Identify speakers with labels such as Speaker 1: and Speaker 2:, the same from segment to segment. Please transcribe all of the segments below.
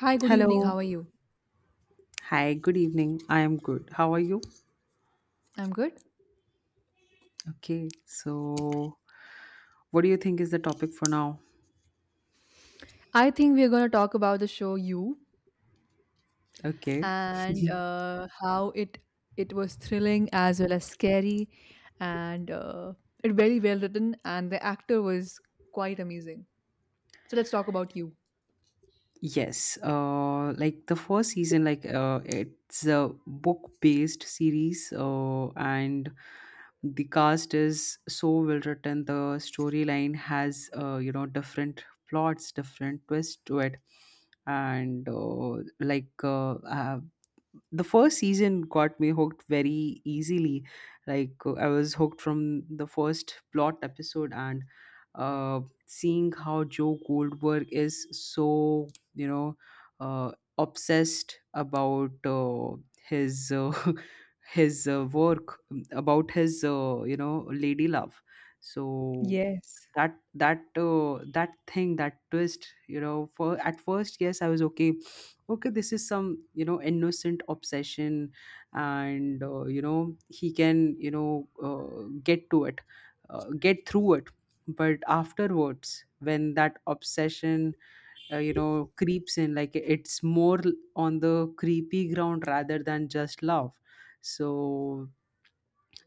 Speaker 1: Hi, good evening.
Speaker 2: Hello.
Speaker 1: How are you?
Speaker 2: Hi, good evening. I am good. How are you?
Speaker 1: I'm good.
Speaker 2: Okay. So, what do you think is the topic for now?
Speaker 1: I think we're going to talk about the show You
Speaker 2: Okay.
Speaker 1: and how it was thrilling as well as scary and it very well written and the actor was quite amazing. So let's talk about you.
Speaker 2: Yes. Like the first season, like it's a book-based series, and the cast is so well written. The storyline has, you know, different plots, different twists to it, and the first season got me hooked very easily. I was hooked from the first plot episode, and uh, seeing how Joe Goldberg is so, you know, uh, obsessed about, his his, work, about his, you know, lady love. So
Speaker 1: Yes.
Speaker 2: that thing, that twist, you know, for at first, yes, I was okay, okay, this is some, you know, innocent obsession, and, you know, he can, you know, get to it, get through it. But afterwards, when that obsession, you know, creeps in, like it's more on the creepy ground rather than just love. So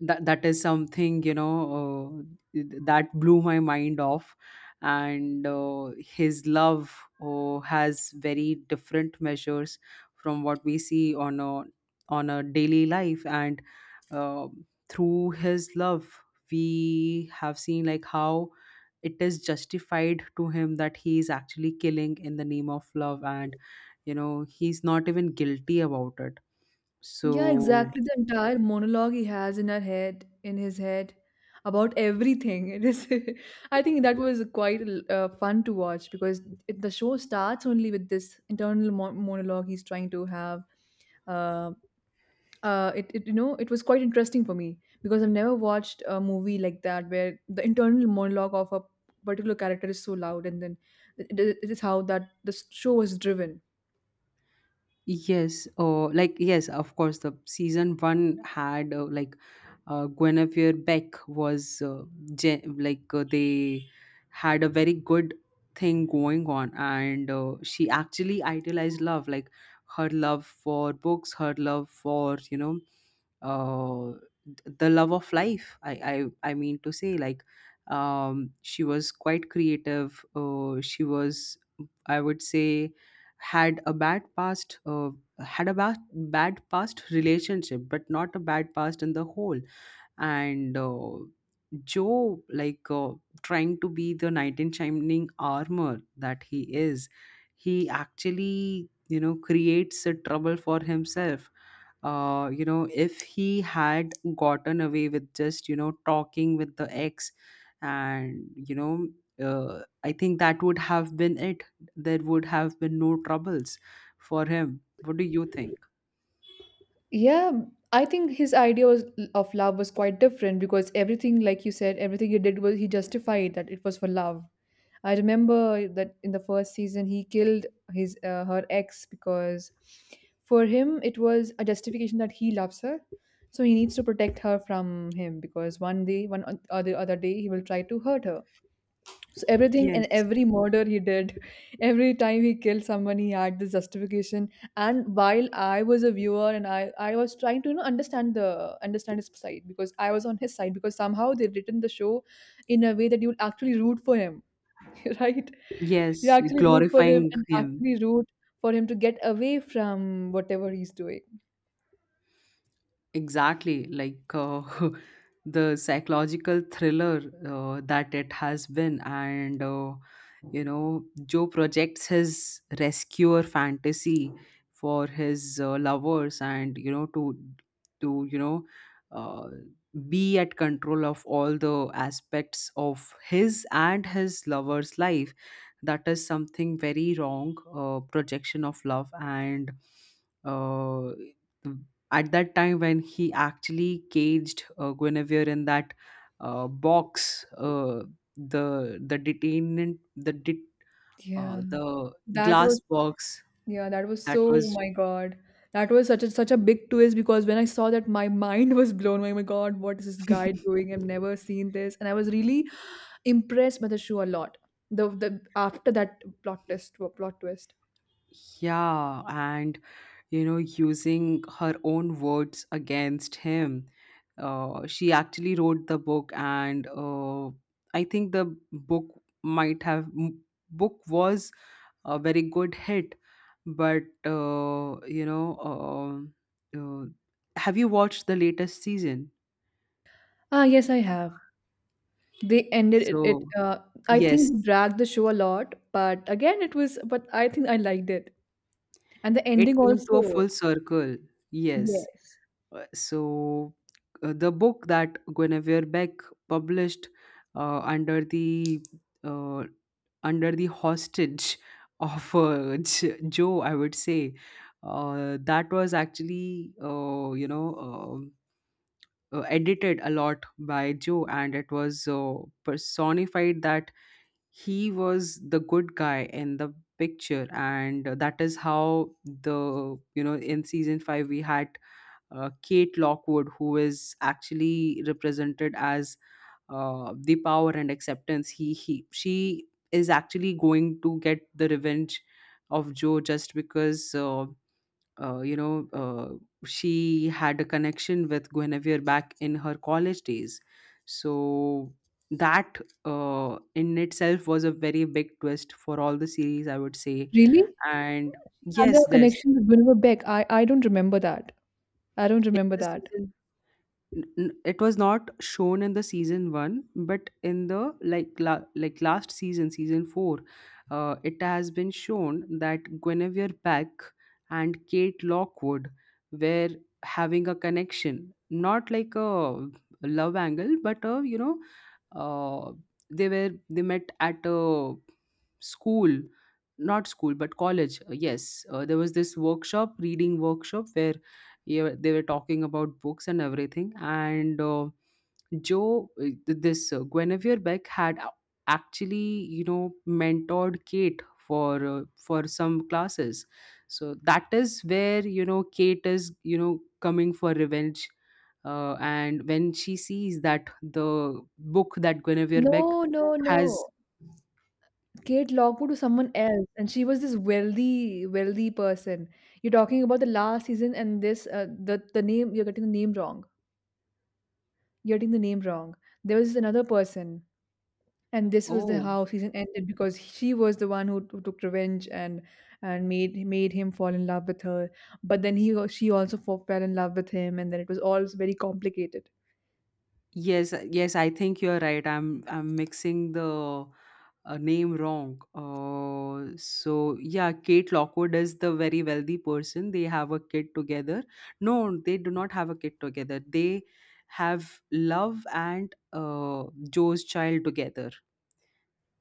Speaker 2: that is something, you know, that blew my mind off. And his love, has very different measures from what we see on a daily life, and uh, through his love we have seen like how it is justified to him that he is actually killing in the name of love, and you know, he's not even guilty about it.
Speaker 1: Yeah,
Speaker 2: So
Speaker 1: exactly. The entire monologue he has in her head, in his head, about everything. It is. I think that was quite fun to watch because the show starts only with this internal monologue he's trying to have. Uh, it it was quite interesting for me because I've never watched a movie like that where the internal monologue of a particular character is so loud and then it, it is how that the show was driven.
Speaker 2: yes, oh, like yes, of course. The season one had, Guinevere Beck was, they had a very good thing going on, and she actually idealized love, like her love for books, her love for, you know, uh, the love of life. I mean to say like, she was quite creative. She was, I would say, had a bad past. Had a bad past relationship, but not a bad past in the whole. And Joe, trying to be the knight in shining armor that he is, he actually, you know, creates a trouble for himself. You know, if he had gotten away with just, you know, talking with the ex, and, you know, I think that would have been it. There would have been no troubles for him. What do you think?
Speaker 1: Yeah, I think his idea was, of love was quite different because everything, like you said, everything he did was he justified that it was for love. I remember that in the first season he killed his her ex because for him it was a justification that he loves her, so he needs to protect her from him because one day, one or the other day, he will try to hurt her. So everything and
Speaker 2: Yes.
Speaker 1: every murder he did, every time he killed someone, he had this justification. And while I was a viewer and I was trying to understand the understand his side because I was on his side because somehow they written the show in a way that you would actually root for him, right? You
Speaker 2: Yes,
Speaker 1: actually root for him
Speaker 2: glorifying
Speaker 1: and
Speaker 2: him.
Speaker 1: actually root for him to get away from whatever he's doing.
Speaker 2: Exactly, the psychological thriller that it has been, and you know, Joe projects his rescuer fantasy for his, lovers, and you know, to you know, uh, be at control of all the aspects of his and his lover's life. That is something very wrong, projection of love, and uh, at that time when he actually caged, Guinevere in that, box, the detainment,
Speaker 1: Yeah,
Speaker 2: the
Speaker 1: that was.
Speaker 2: glass box,
Speaker 1: Yeah, that was
Speaker 2: that
Speaker 1: so, oh
Speaker 2: was,
Speaker 1: my God. That was such a such a big twist because when I saw that my mind was blown. Oh my God, what is this guy doing? I've never seen this. And I was really impressed by the show a lot. The after that plot twist plot twist.
Speaker 2: yeah, and you know, using her own words against him. She actually wrote the book, and I think the book might have m- book was a very good hit. But you know, uh, have you watched the latest season?
Speaker 1: Ah, yes, I have. They ended it.
Speaker 2: So
Speaker 1: I
Speaker 2: yes,
Speaker 1: think dragged the show a lot, but again, it was. But I think I liked it, and the
Speaker 2: it
Speaker 1: ending
Speaker 2: came to a
Speaker 1: also.
Speaker 2: full circle. Yes.
Speaker 1: Yes.
Speaker 2: So the book that Guinevere Beck published, uh, under the uh, under the hostage of, Joe, I would say, that was actually, you know, edited a lot by Joe, and it was, personified that he was the good guy in the picture. And that is how, the you know, in season five we had, Kate Lockwood, who is actually represented as, the power and acceptance. He She is actually going to get the revenge of Joe, just because. You know, she had a connection with Guinevere back in her college days. So that, in itself was a very big twist for all the series, I would say.
Speaker 1: Really?
Speaker 2: And
Speaker 1: She had a
Speaker 2: yes, this,
Speaker 1: connection with Wilbur Beck. I don't remember that. I don't
Speaker 2: in
Speaker 1: remember
Speaker 2: the
Speaker 1: that.
Speaker 2: season, it was not shown in the season 1, but in the, like last season, season 4, it has been shown that Guinevere Beck and Kate Lockwood were having a connection, not like a love angle, but a, you know, uh, they were, they met at a school, not school but college. Yes, there was this workshop, reading workshop, where, yeah, they were talking about books and everything. And joe th- this Guinevere Beck had a- actually, you know, mentored Kate for, for some classes. So that is where, you know, Kate is, you know, coming for revenge. And when she sees that the book that Guinevere Beck
Speaker 1: No, no,
Speaker 2: has,
Speaker 1: no. Kate Lockwood was someone else, and she was this wealthy, wealthy person. You're talking about the last season, and this the name you're getting the name wrong. You're getting the name wrong. There was another person, and this was the
Speaker 2: oh.
Speaker 1: how season ended because she was the one who took revenge and made him fall in love with her. But then he she also fell in love with him, and then it was all very complicated.
Speaker 2: Yes, yes, I think you're right. I'm mixing the, name wrong. So yeah, Kate Lockwood is the very wealthy person. They have a kid together. No, they do not have a kid together. They have Love and, Joe's child together.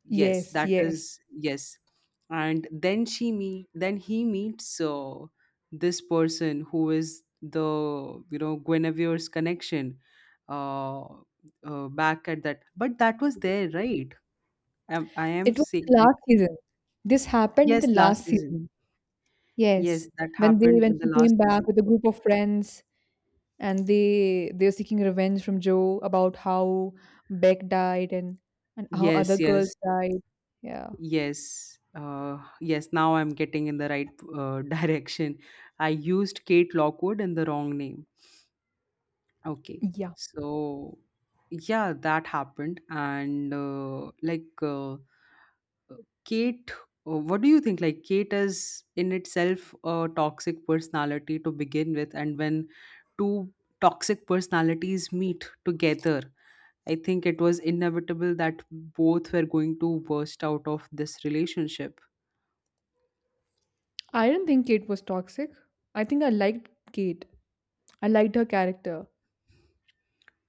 Speaker 2: Yes,
Speaker 1: Yes,
Speaker 2: that
Speaker 1: yes.
Speaker 2: is, yes. And then she meet, then he meets, this person who is the, you know, Guinevere's connection, uh, back at that, but that was there, right? I am
Speaker 1: It was
Speaker 2: saying
Speaker 1: the
Speaker 2: like,
Speaker 1: last season. This happened in the
Speaker 2: yes, last
Speaker 1: last
Speaker 2: season,
Speaker 1: season. Yes.
Speaker 2: yes, that
Speaker 1: When they
Speaker 2: happened
Speaker 1: when
Speaker 2: in the
Speaker 1: she
Speaker 2: last
Speaker 1: came back
Speaker 2: season.
Speaker 1: with a group of friends and they were seeking revenge from Joe about how Beck died and how other
Speaker 2: Yes, yes,
Speaker 1: girls died. Yeah.
Speaker 2: yes. Yes, now I'm getting in the right, direction. I used Kate Lockwood in the wrong name. Okay.
Speaker 1: Yeah.
Speaker 2: So, yeah, that happened. And Kate, what do you think? Like Kate is, in itself, a toxic personality to begin with. And when two toxic personalities meet together, I think it was inevitable that both were going to burst out of this relationship.
Speaker 1: I didn't think Kate was toxic. I think I liked Kate. I liked her character.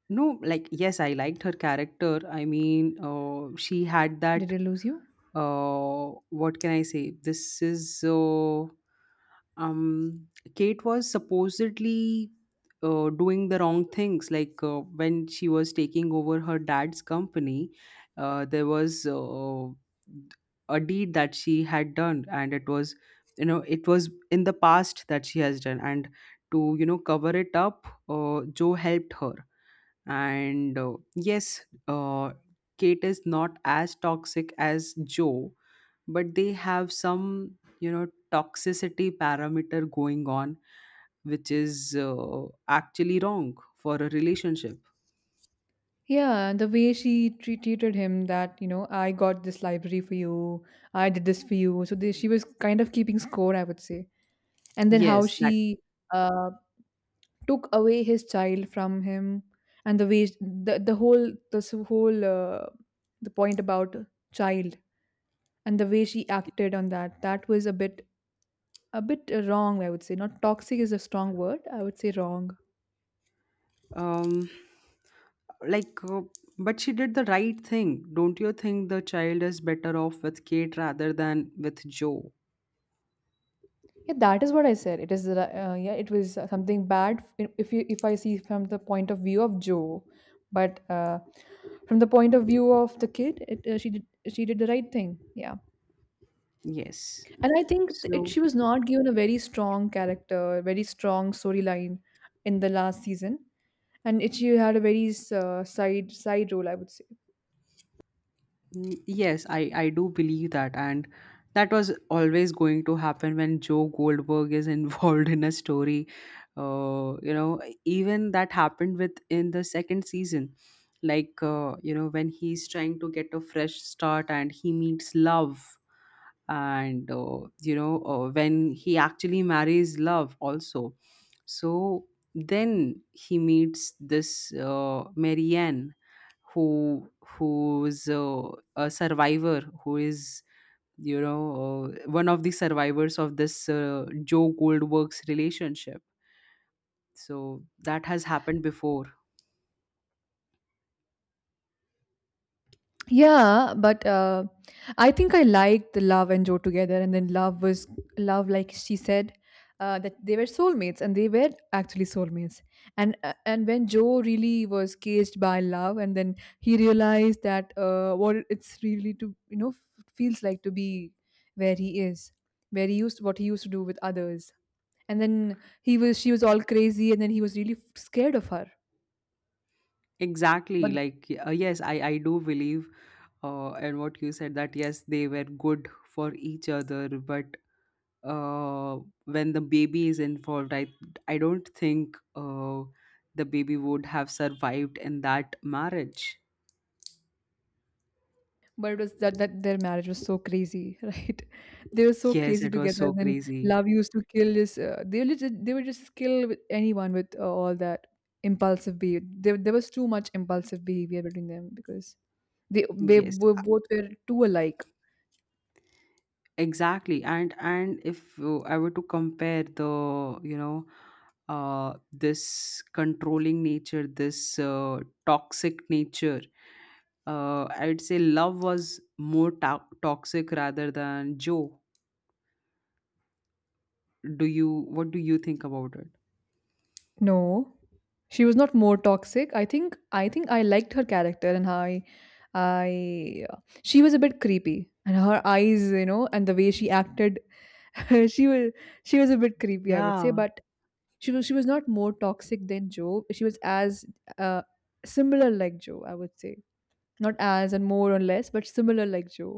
Speaker 2: No, like, yes, I liked her character. I mean, she had
Speaker 1: Did
Speaker 2: that,
Speaker 1: I lose you?
Speaker 2: what can I say? This is, um, Kate was supposedly, doing the wrong things. Like, when she was taking over her dad's company, there was, a deed that she had done, and it was, you know, it was in the past that she has done. And to, you know, cover it up, Joe helped her, and yes, Kate is not as toxic as Joe, but they have some, you know, toxicity parameter going on, which is, actually wrong for a relationship.
Speaker 1: Yeah, the way she treated him that, you know, I got this library for you, I did this for you. So they, she was kind of keeping score, I would say. And then how
Speaker 2: Yes, that,
Speaker 1: she uh, took away his child from him and the way the whole this whole the point about child and the way she acted on that that was a bit wrong, I would say. Not toxic is a strong word. I would say wrong.
Speaker 2: um like uh, but she did the right thing. Don't you think the child is better off with Kate rather than with Joe?
Speaker 1: Yeah, that is what I said. It is yeah, it was something bad if you if I see from the point of view of Joe, but from the point of view of the kid, she did the right thing. Yeah,
Speaker 2: Yes.
Speaker 1: and I think
Speaker 2: So,
Speaker 1: she was not given a very strong character, very strong storyline in the last season, and she had a very side side role, I would say.
Speaker 2: mm, yes, I do believe that. And that was always going to happen when Joe Goldberg is involved in a story. You know, even that happened with, in the second season. Like, you know, when he's trying to get a fresh start and he meets love, and you know, when he actually marries love also. So then he meets this, Marianne, who's a survivor, who is, you know, one of the survivors of this, Joe Goldberg's relationship. So that has happened before.
Speaker 1: Yeah, but I think I liked the love and Joe together, and then love was love, like she said, that they were soulmates, and they were actually soulmates. And when Joe really was caged by love, and then he realized that what it's really to feels like to be where he is, where he used what he used to do with others, and then he was she was all crazy, and then he was really scared of her.
Speaker 2: Exactly, yes, I do believe. And what you said, that yes, they were good for each other. But uh, when the baby is involved, I don't think, the baby would have survived in that marriage.
Speaker 1: But it was that, that their marriage was so crazy, right? They were so
Speaker 2: Yes,
Speaker 1: crazy
Speaker 2: it was
Speaker 1: together.
Speaker 2: so
Speaker 1: And then
Speaker 2: crazy.
Speaker 1: love used to kill this. They were just, they would just kill with anyone with all that impulsive behavior. There was too much impulsive behavior between them because they
Speaker 2: yes
Speaker 1: were
Speaker 2: a-
Speaker 1: both were too alike.
Speaker 2: exactly. And if, I were to compare the, you know, this controlling nature, this, toxic nature, I'd say love was toxic rather than Joe. Do you, what do you think about it?
Speaker 1: No, she was not more toxic. I think I liked her character and how I she was a bit creepy and her eyes, you know, and the way she acted, she was she was a bit creepy, I would say.
Speaker 2: Yeah,
Speaker 1: But she was she was not more toxic than Joe. She was as uh, similar like Joe, I would say. Not as and more or less, but similar like Joe.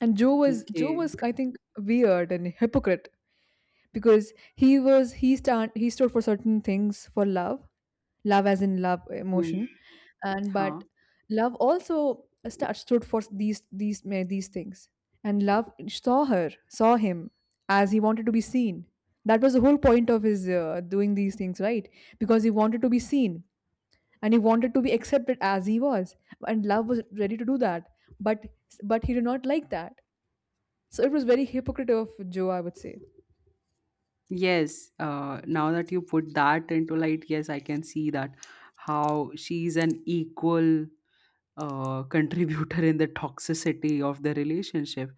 Speaker 1: And Joe
Speaker 2: okay.
Speaker 1: was I think weird and hypocrite because he stood for certain things for love, love as in love
Speaker 2: Hmm.
Speaker 1: emotion and but
Speaker 2: Huh.
Speaker 1: love also stood for these these things, and love saw her saw him as he wanted to be seen. That was the whole point of his doing these things, right? Because he wanted to be seen and he wanted to be accepted as he was, and love was ready to do that. but but he did not like that, so it was very hypocritical of Joe, I would say.
Speaker 2: Yes. Now that you put that into light, yes, I can see that how she's an equal, contributor in the toxicity of the relationship.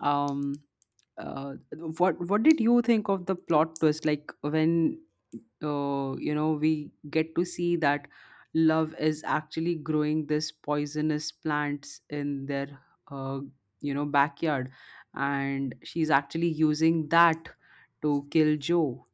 Speaker 2: Um, uh, what did you think of the plot twist? Like when you know we get to see that Love is actually growing this poisonous plants in their uh, you know backyard, and she's actually using that to kill Joe.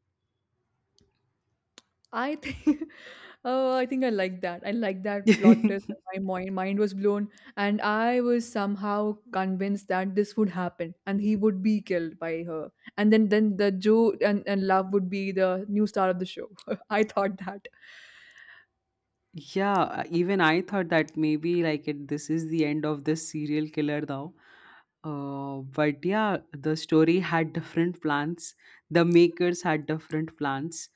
Speaker 1: I think oh, I think I like that. I like that
Speaker 2: Yeah,
Speaker 1: plot twist. And my mind was blown, and I was somehow convinced that this would happen, and he would be killed by her, and then the Joe and Love would be the new star of the show. I thought that.
Speaker 2: even I thought that maybe, like it, this is the end of this serial killer now. But yeah, the story had different plans. The makers had different plans.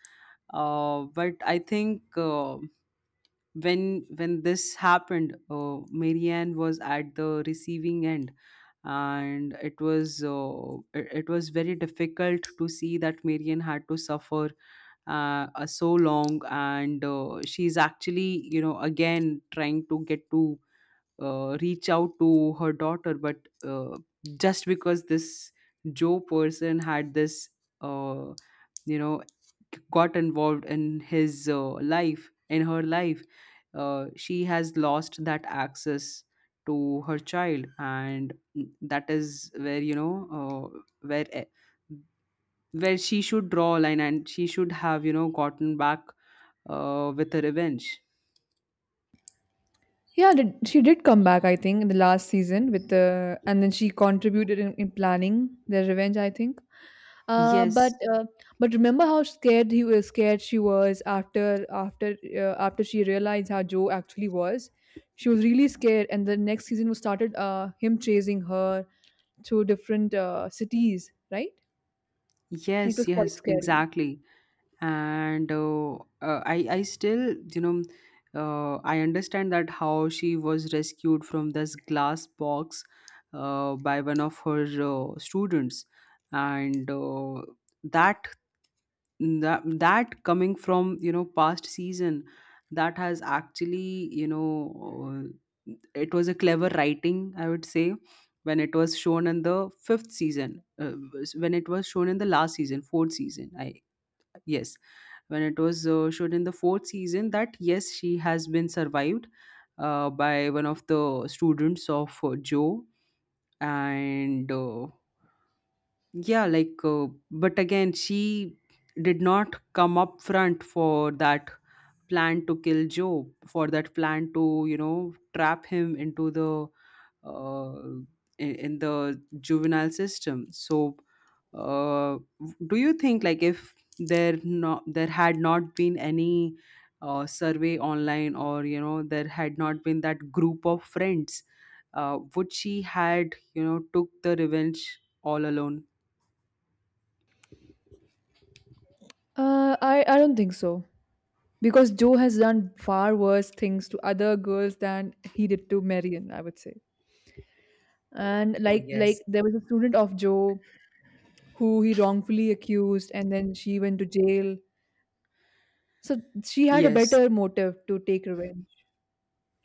Speaker 2: But I think when this happened, Marianne was at the receiving end, and it was very difficult to see that Marianne had to suffer so long. And she's actually, you know, again trying to get to reach out to her daughter, but— uh, just because this Joe person had this— uh, you know, got involved in his life, in her life, she has lost that access to her child. And that is where, you know, uh, where eh, where she should draw a line, and she should have, gotten back with a revenge.
Speaker 1: Yeah, did, she did come back. I think in the last season and then she contributed in planning the revenge. I think. Uh,
Speaker 2: Yes,
Speaker 1: but uh, but remember how scared he was, scared she was after she realized how Joe actually was. She was really scared, and the next season was started him chasing her to different cities, right? And it was
Speaker 2: yes,
Speaker 1: quite
Speaker 2: yes
Speaker 1: scary.
Speaker 2: exactly. And I still, I understand that how she was rescued from this glass box by one of her students, and that that coming from, you know, past season, that has actually you know it was a clever writing, I would say. When it was shown in the fifth season when it was shown in the last season fourth season I Yes, when it was shown in the fourth season, that yes, she has been survived by one of the students of Joe, and yeah, like, but again, she did not come up front for that plan to kill Job, for that plan to, trap him into the— uh, in the juvenile system. So, uh, do you think, like, if there had not been any survey online, or you know, there had not been that group of friends, would she had, you know, took the revenge all alone?
Speaker 1: I don't think so. Because Joe has done far worse things to other girls than he did to Marion, I would say. And
Speaker 2: Oh,
Speaker 1: like
Speaker 2: yes.
Speaker 1: there was a student of Joe who he wrongfully accused and then she went to jail. So she had a
Speaker 2: Yes.
Speaker 1: better motive to take revenge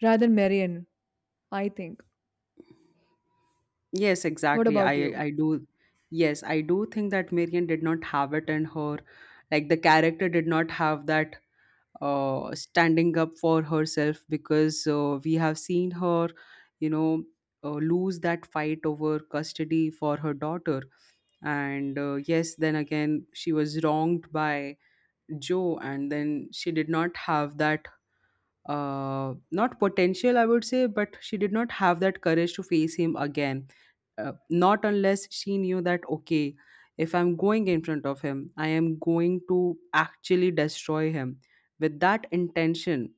Speaker 1: rather than Marion, I think.
Speaker 2: Yes,
Speaker 1: What
Speaker 2: exactly. I
Speaker 1: about you?
Speaker 2: I do. Yes, I do think that Marian did not have it in her. Like, the character did not have that— standing up for herself, because we have seen her, you know, lose that fight over custody for her daughter. And yes, then again, she was wronged by Joe, and then she did not have that— not potential, I would say, but she did not have that courage to face him again. Not unless she knew that, okay, if I'm going in front of him, I am going to actually destroy him. With that intention,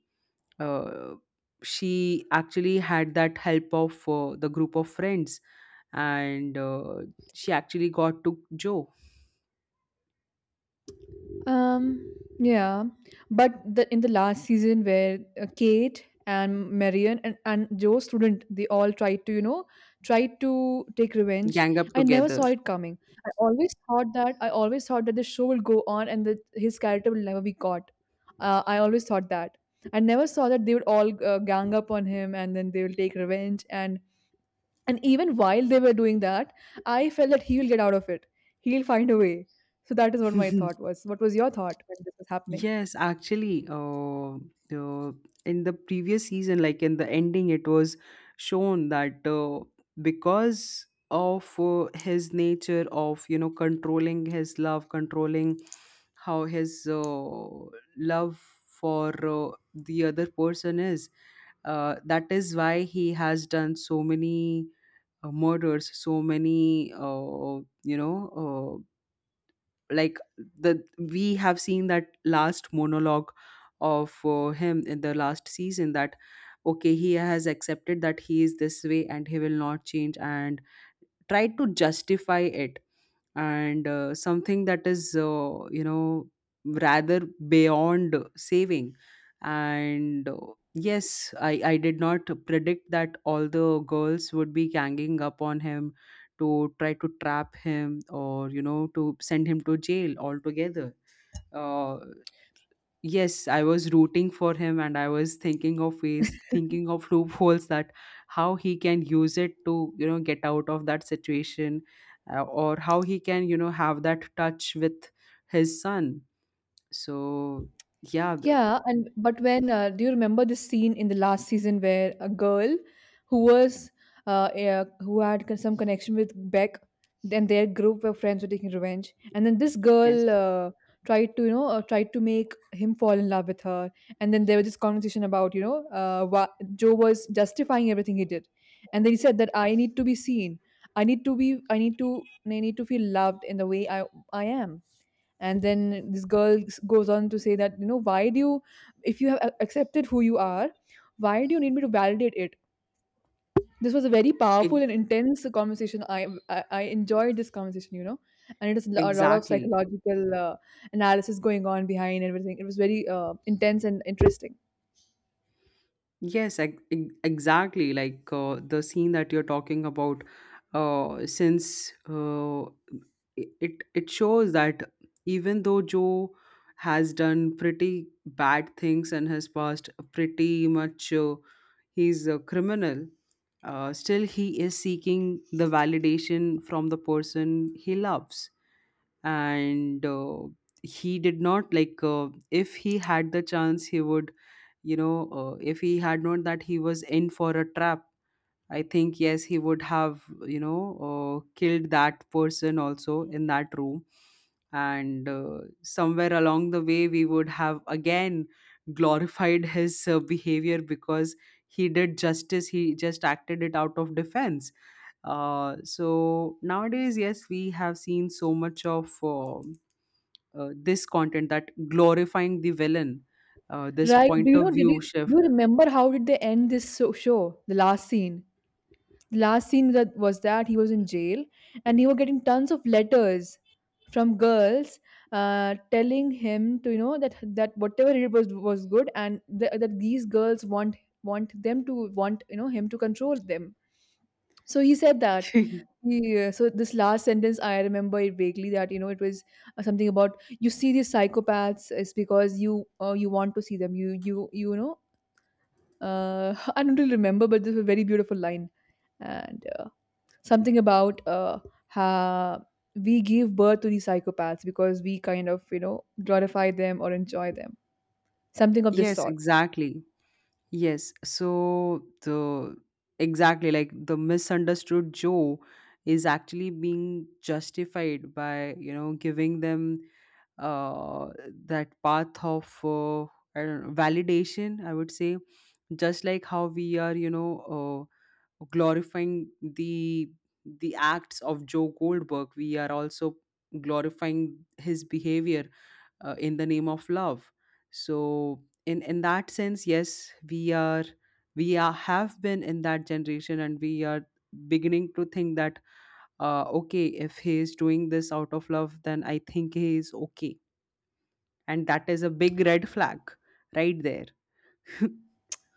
Speaker 2: uh, she actually had that help of the group of friends, and she actually got to Joe,
Speaker 1: Um, yeah, but the in the last season where Kate and Marion and Joe student they all tried to tried to take revenge.
Speaker 2: gang up
Speaker 1: I never
Speaker 2: together.
Speaker 1: saw it coming. I always thought that the show will go on and that his character will never be caught. I always thought that. I never saw that they would all gang up on him and then they will take revenge and even while they were doing that, I felt that he will get out of it. He'll find a way. So that is what my thought was. What was your thought when this was happening?
Speaker 2: Yes, actually, uh, in the previous season, like in the ending, it was shown that because of his nature of, you know, controlling his love, controlling how his love for the other person is— that is why he has done so many murders, so many, like, the we have seen that last monologue of him in the last season, that okay, he has accepted that he is this way and he will not change, and tried to justify it. And something that is, rather beyond saving. And yes, I did not predict that all the girls would be ganging up on him to try to trap him, or you know, to send him to jail altogether. uh, Yes, I was rooting for him, and I was thinking of ways, thinking of loopholes, that how he can use it to, get out of that situation, or how he can, have that touch with his son. So, yeah, the—
Speaker 1: Yeah, and but when do you remember the scene in the last season where a girl who was some connection with Beck, then their group of friends were taking revenge, and then this
Speaker 2: yes,
Speaker 1: girl tried to tried to make him fall in love with her, and then there was this conversation about Joe was justifying everything he did, and then he said that I need to be seen, I need to feel loved in the way I am. And then this girl goes on to say that, you know, why do you, if you have accepted who you are, why do you need me to validate it? This was a very powerful
Speaker 2: e-
Speaker 1: and intense conversation. I enjoyed this conversation, you know, and it is a lot of
Speaker 2: exactly.
Speaker 1: psychological analysis going on behind everything. It was very intense and interesting.
Speaker 2: Yes, exactly. Like, the scene that you're talking about, since it shows that even though Joe has done pretty bad things and has passed pretty much— he's a criminal. Still, he is seeking the validation from the person he loves, and he did not, like. If he had the chance, he would— if he had known that he was in for a trap, I think yes, he would have, you know killed that person also in that room. And somewhere along the way, we would have again glorified his behavior, because he did justice, he just acted it out of defense. So nowadays, yes, we have seen so much of this content that glorifying the villain— this
Speaker 1: Right, do
Speaker 2: point
Speaker 1: you
Speaker 2: of
Speaker 1: know, did you
Speaker 2: view shift.
Speaker 1: do you remember how did they end this show? The last scene, last scene, that was that he was in jail, and he was getting tons of letters from girls, telling him to, you know, that whatever he did was good, and that these girls want them to want, you know, him to control them. So he said that so this last sentence I remember it vaguely, that you know it was something about, you see these psychopaths is because you, you want to see them, you know, I don't really remember, but this was a very beautiful line. And something about, uh, how we give birth to these psychopaths because we kind of, you know, glorify them or enjoy them, something of this
Speaker 2: Yes,
Speaker 1: sort.
Speaker 2: exactly. Yes. So the Exactly, like, the misunderstood Joe is actually being justified by, you know, giving them— uh that path of— I don't know, validation, I would say. Just like how we are, glorifying the acts of Joe Goldberg, we are also glorifying his behavior in the name of love. So in that sense, yes, we are— have been in that generation, and we are beginning to think that okay, if he is doing this out of love, then I think he is okay. And that is a big red flag right there.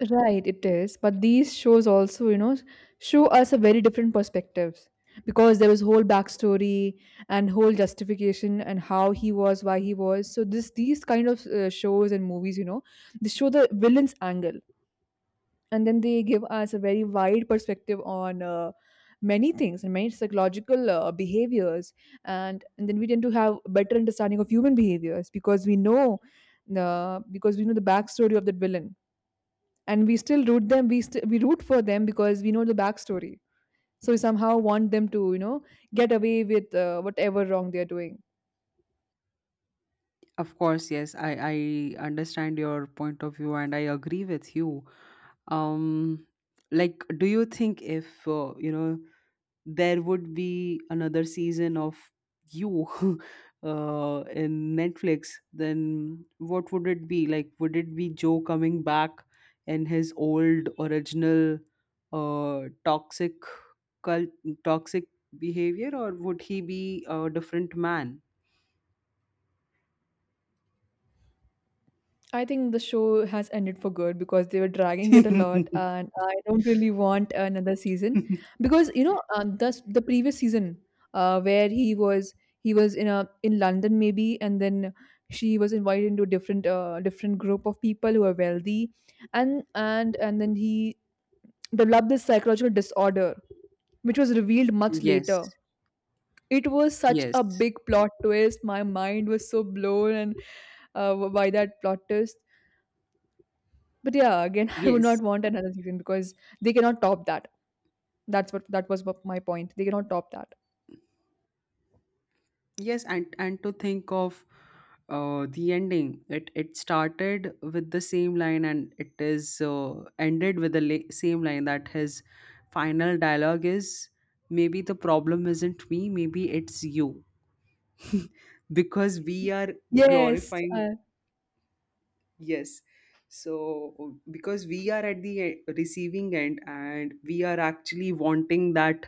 Speaker 1: Right, it is, but these shows also, you know, show us a very different perspectives, because there was whole backstory and whole justification and how he was, why he was so. This, these kind of shows and movies, you know, they show the villain's angle, and then they give us a very wide perspective on, many things and many psychological behaviors. And then we tend to have a better understanding of human behaviors because we know the because we know the backstory of that villain. And we still root them, we root for them because we know the backstory. So we somehow want them to, you know, get away with whatever wrong they're doing.
Speaker 2: Of course, yes. I understand your point of view and I agree with you. um like, do you think if, you know, there would be another season of You, in Netflix, then what would it be? Like, would it be Joe coming back in his old original toxic cult, toxic behavior, or would he be a different man?
Speaker 1: I think the show has ended for good, because they were dragging it a lot, and I don't really want another season. Because you know, the previous season, where he was in a in London maybe, and then she was invited into a different different group of people who are wealthy, and then he developed this psychological disorder, which was revealed much
Speaker 2: Yes,
Speaker 1: later. It was such a
Speaker 2: yes,
Speaker 1: big plot twist. My mind was so blown. And by that plot twist, but yeah, again, I would not
Speaker 2: yes.
Speaker 1: want another season because they cannot top that. That's what that was what my point. They cannot top that.
Speaker 2: Yes, and to think of the ending, it started with the same line, and it is ended with the same line, that his final dialogue is, maybe the problem isn't me, maybe it's you. Because we are
Speaker 1: Yes,
Speaker 2: glorifying. Yes. So because we are at the receiving end, and we are actually wanting that—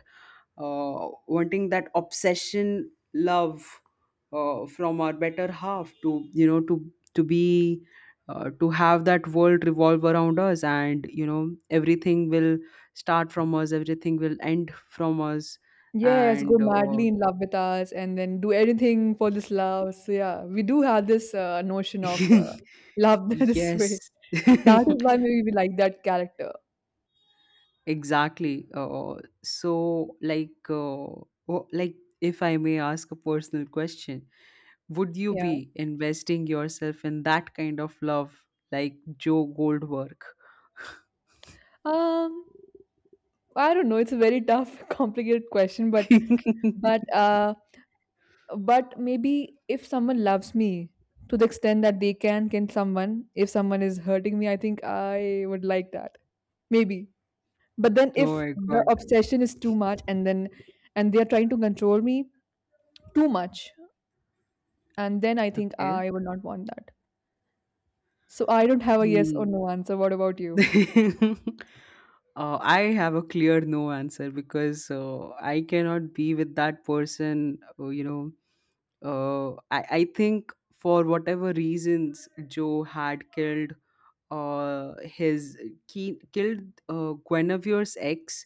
Speaker 2: wanting that obsession love from our better half to, you know, to be— to have that world revolve around us, and you know, everything will start from us, everything will end from us.
Speaker 1: yes, go
Speaker 2: And
Speaker 1: madly in love with us and then do anything for this love. So yeah, we do have this notion of love this way.
Speaker 2: yes.
Speaker 1: That is why maybe we like that character.
Speaker 2: Exactly. So like, oh, like, if I may ask a personal question, would you
Speaker 1: Yeah.
Speaker 2: be investing yourself in that kind of love, like Joe Goldberg?
Speaker 1: Um, I don't know. It's a very tough, complicated question,
Speaker 2: Oh
Speaker 1: but uh, but maybe if someone loves me to the extent that they can someone if someone is hurting me, I think I would like that maybe. But then if
Speaker 2: my
Speaker 1: the
Speaker 2: god.
Speaker 1: obsession is too much, and they are trying to control me too much, and then I think
Speaker 2: Okay.
Speaker 1: I would not want that. So I don't have a yes or
Speaker 2: Hmm.
Speaker 1: no answer. What about you?
Speaker 2: I have a clear no answer, because I cannot be with that person. You know, I think, for whatever reasons Joe had killed his— killed Guinevere's ex,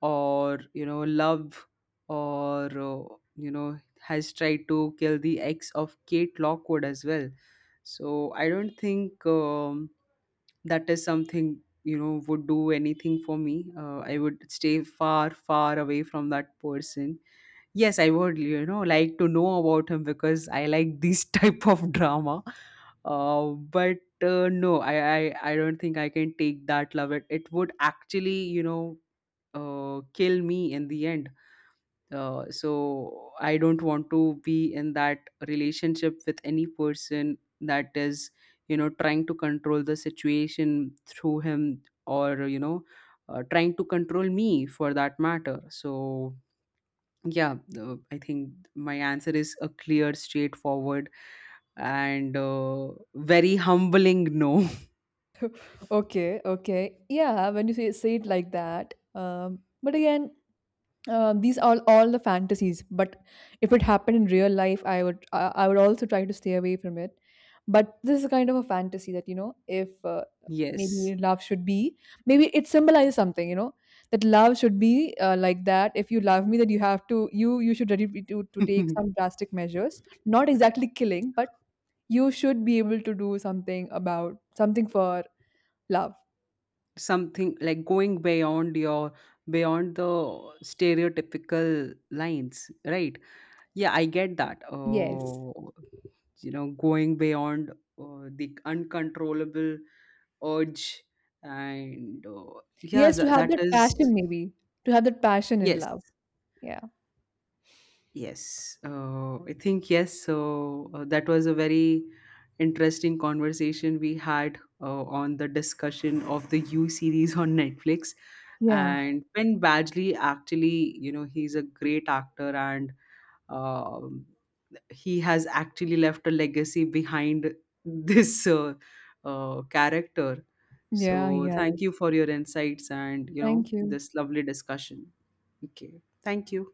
Speaker 2: or love, or has tried to kill the ex of Kate Lockwood as well. So I don't think, that is something would do anything for me. I would stay far, far away from that person. Yes, I would, like to know about him, because I like this type of drama. But no, I don't think I can take that love. It would actually, kill me in the end. So I don't want to be in that relationship with any person that is, trying to control the situation through him, or, trying to control me for that matter. So yeah, I think my answer is a clear, straightforward, and very humbling no.
Speaker 1: Okay, okay, yeah, when you say it like that, um, but again, these are all the fantasies. But if it happened in real life, I would also try to stay away from it. But this is kind of a fantasy that, you know, if,
Speaker 2: Yes.
Speaker 1: maybe love should be, maybe it symbolizes something, you know, that love should be like that. If you love me, that you have to, you should ready to, take some drastic measures, not exactly killing, but you should be able to do something, about something, for love.
Speaker 2: Something like going beyond your— beyond the stereotypical lines, right? Yeah, I get that.
Speaker 1: Yes,
Speaker 2: You know, going beyond the uncontrollable urge, and yeah,
Speaker 1: yes, to have
Speaker 2: that
Speaker 1: that
Speaker 2: is—
Speaker 1: passion maybe, to have that passion in
Speaker 2: yes.
Speaker 1: love. Yeah,
Speaker 2: Yes, I think yes. So that was a very interesting conversation we had on the discussion of the U series on Netflix.
Speaker 1: yeah.
Speaker 2: And Ben Badgley actually, you know, he's a great actor, and um he has actually left a legacy behind this character.
Speaker 1: Yeah, he
Speaker 2: So thank
Speaker 1: has.
Speaker 2: you for your insights and, you know,
Speaker 1: Thank you.
Speaker 2: this lovely discussion. Okay, thank you.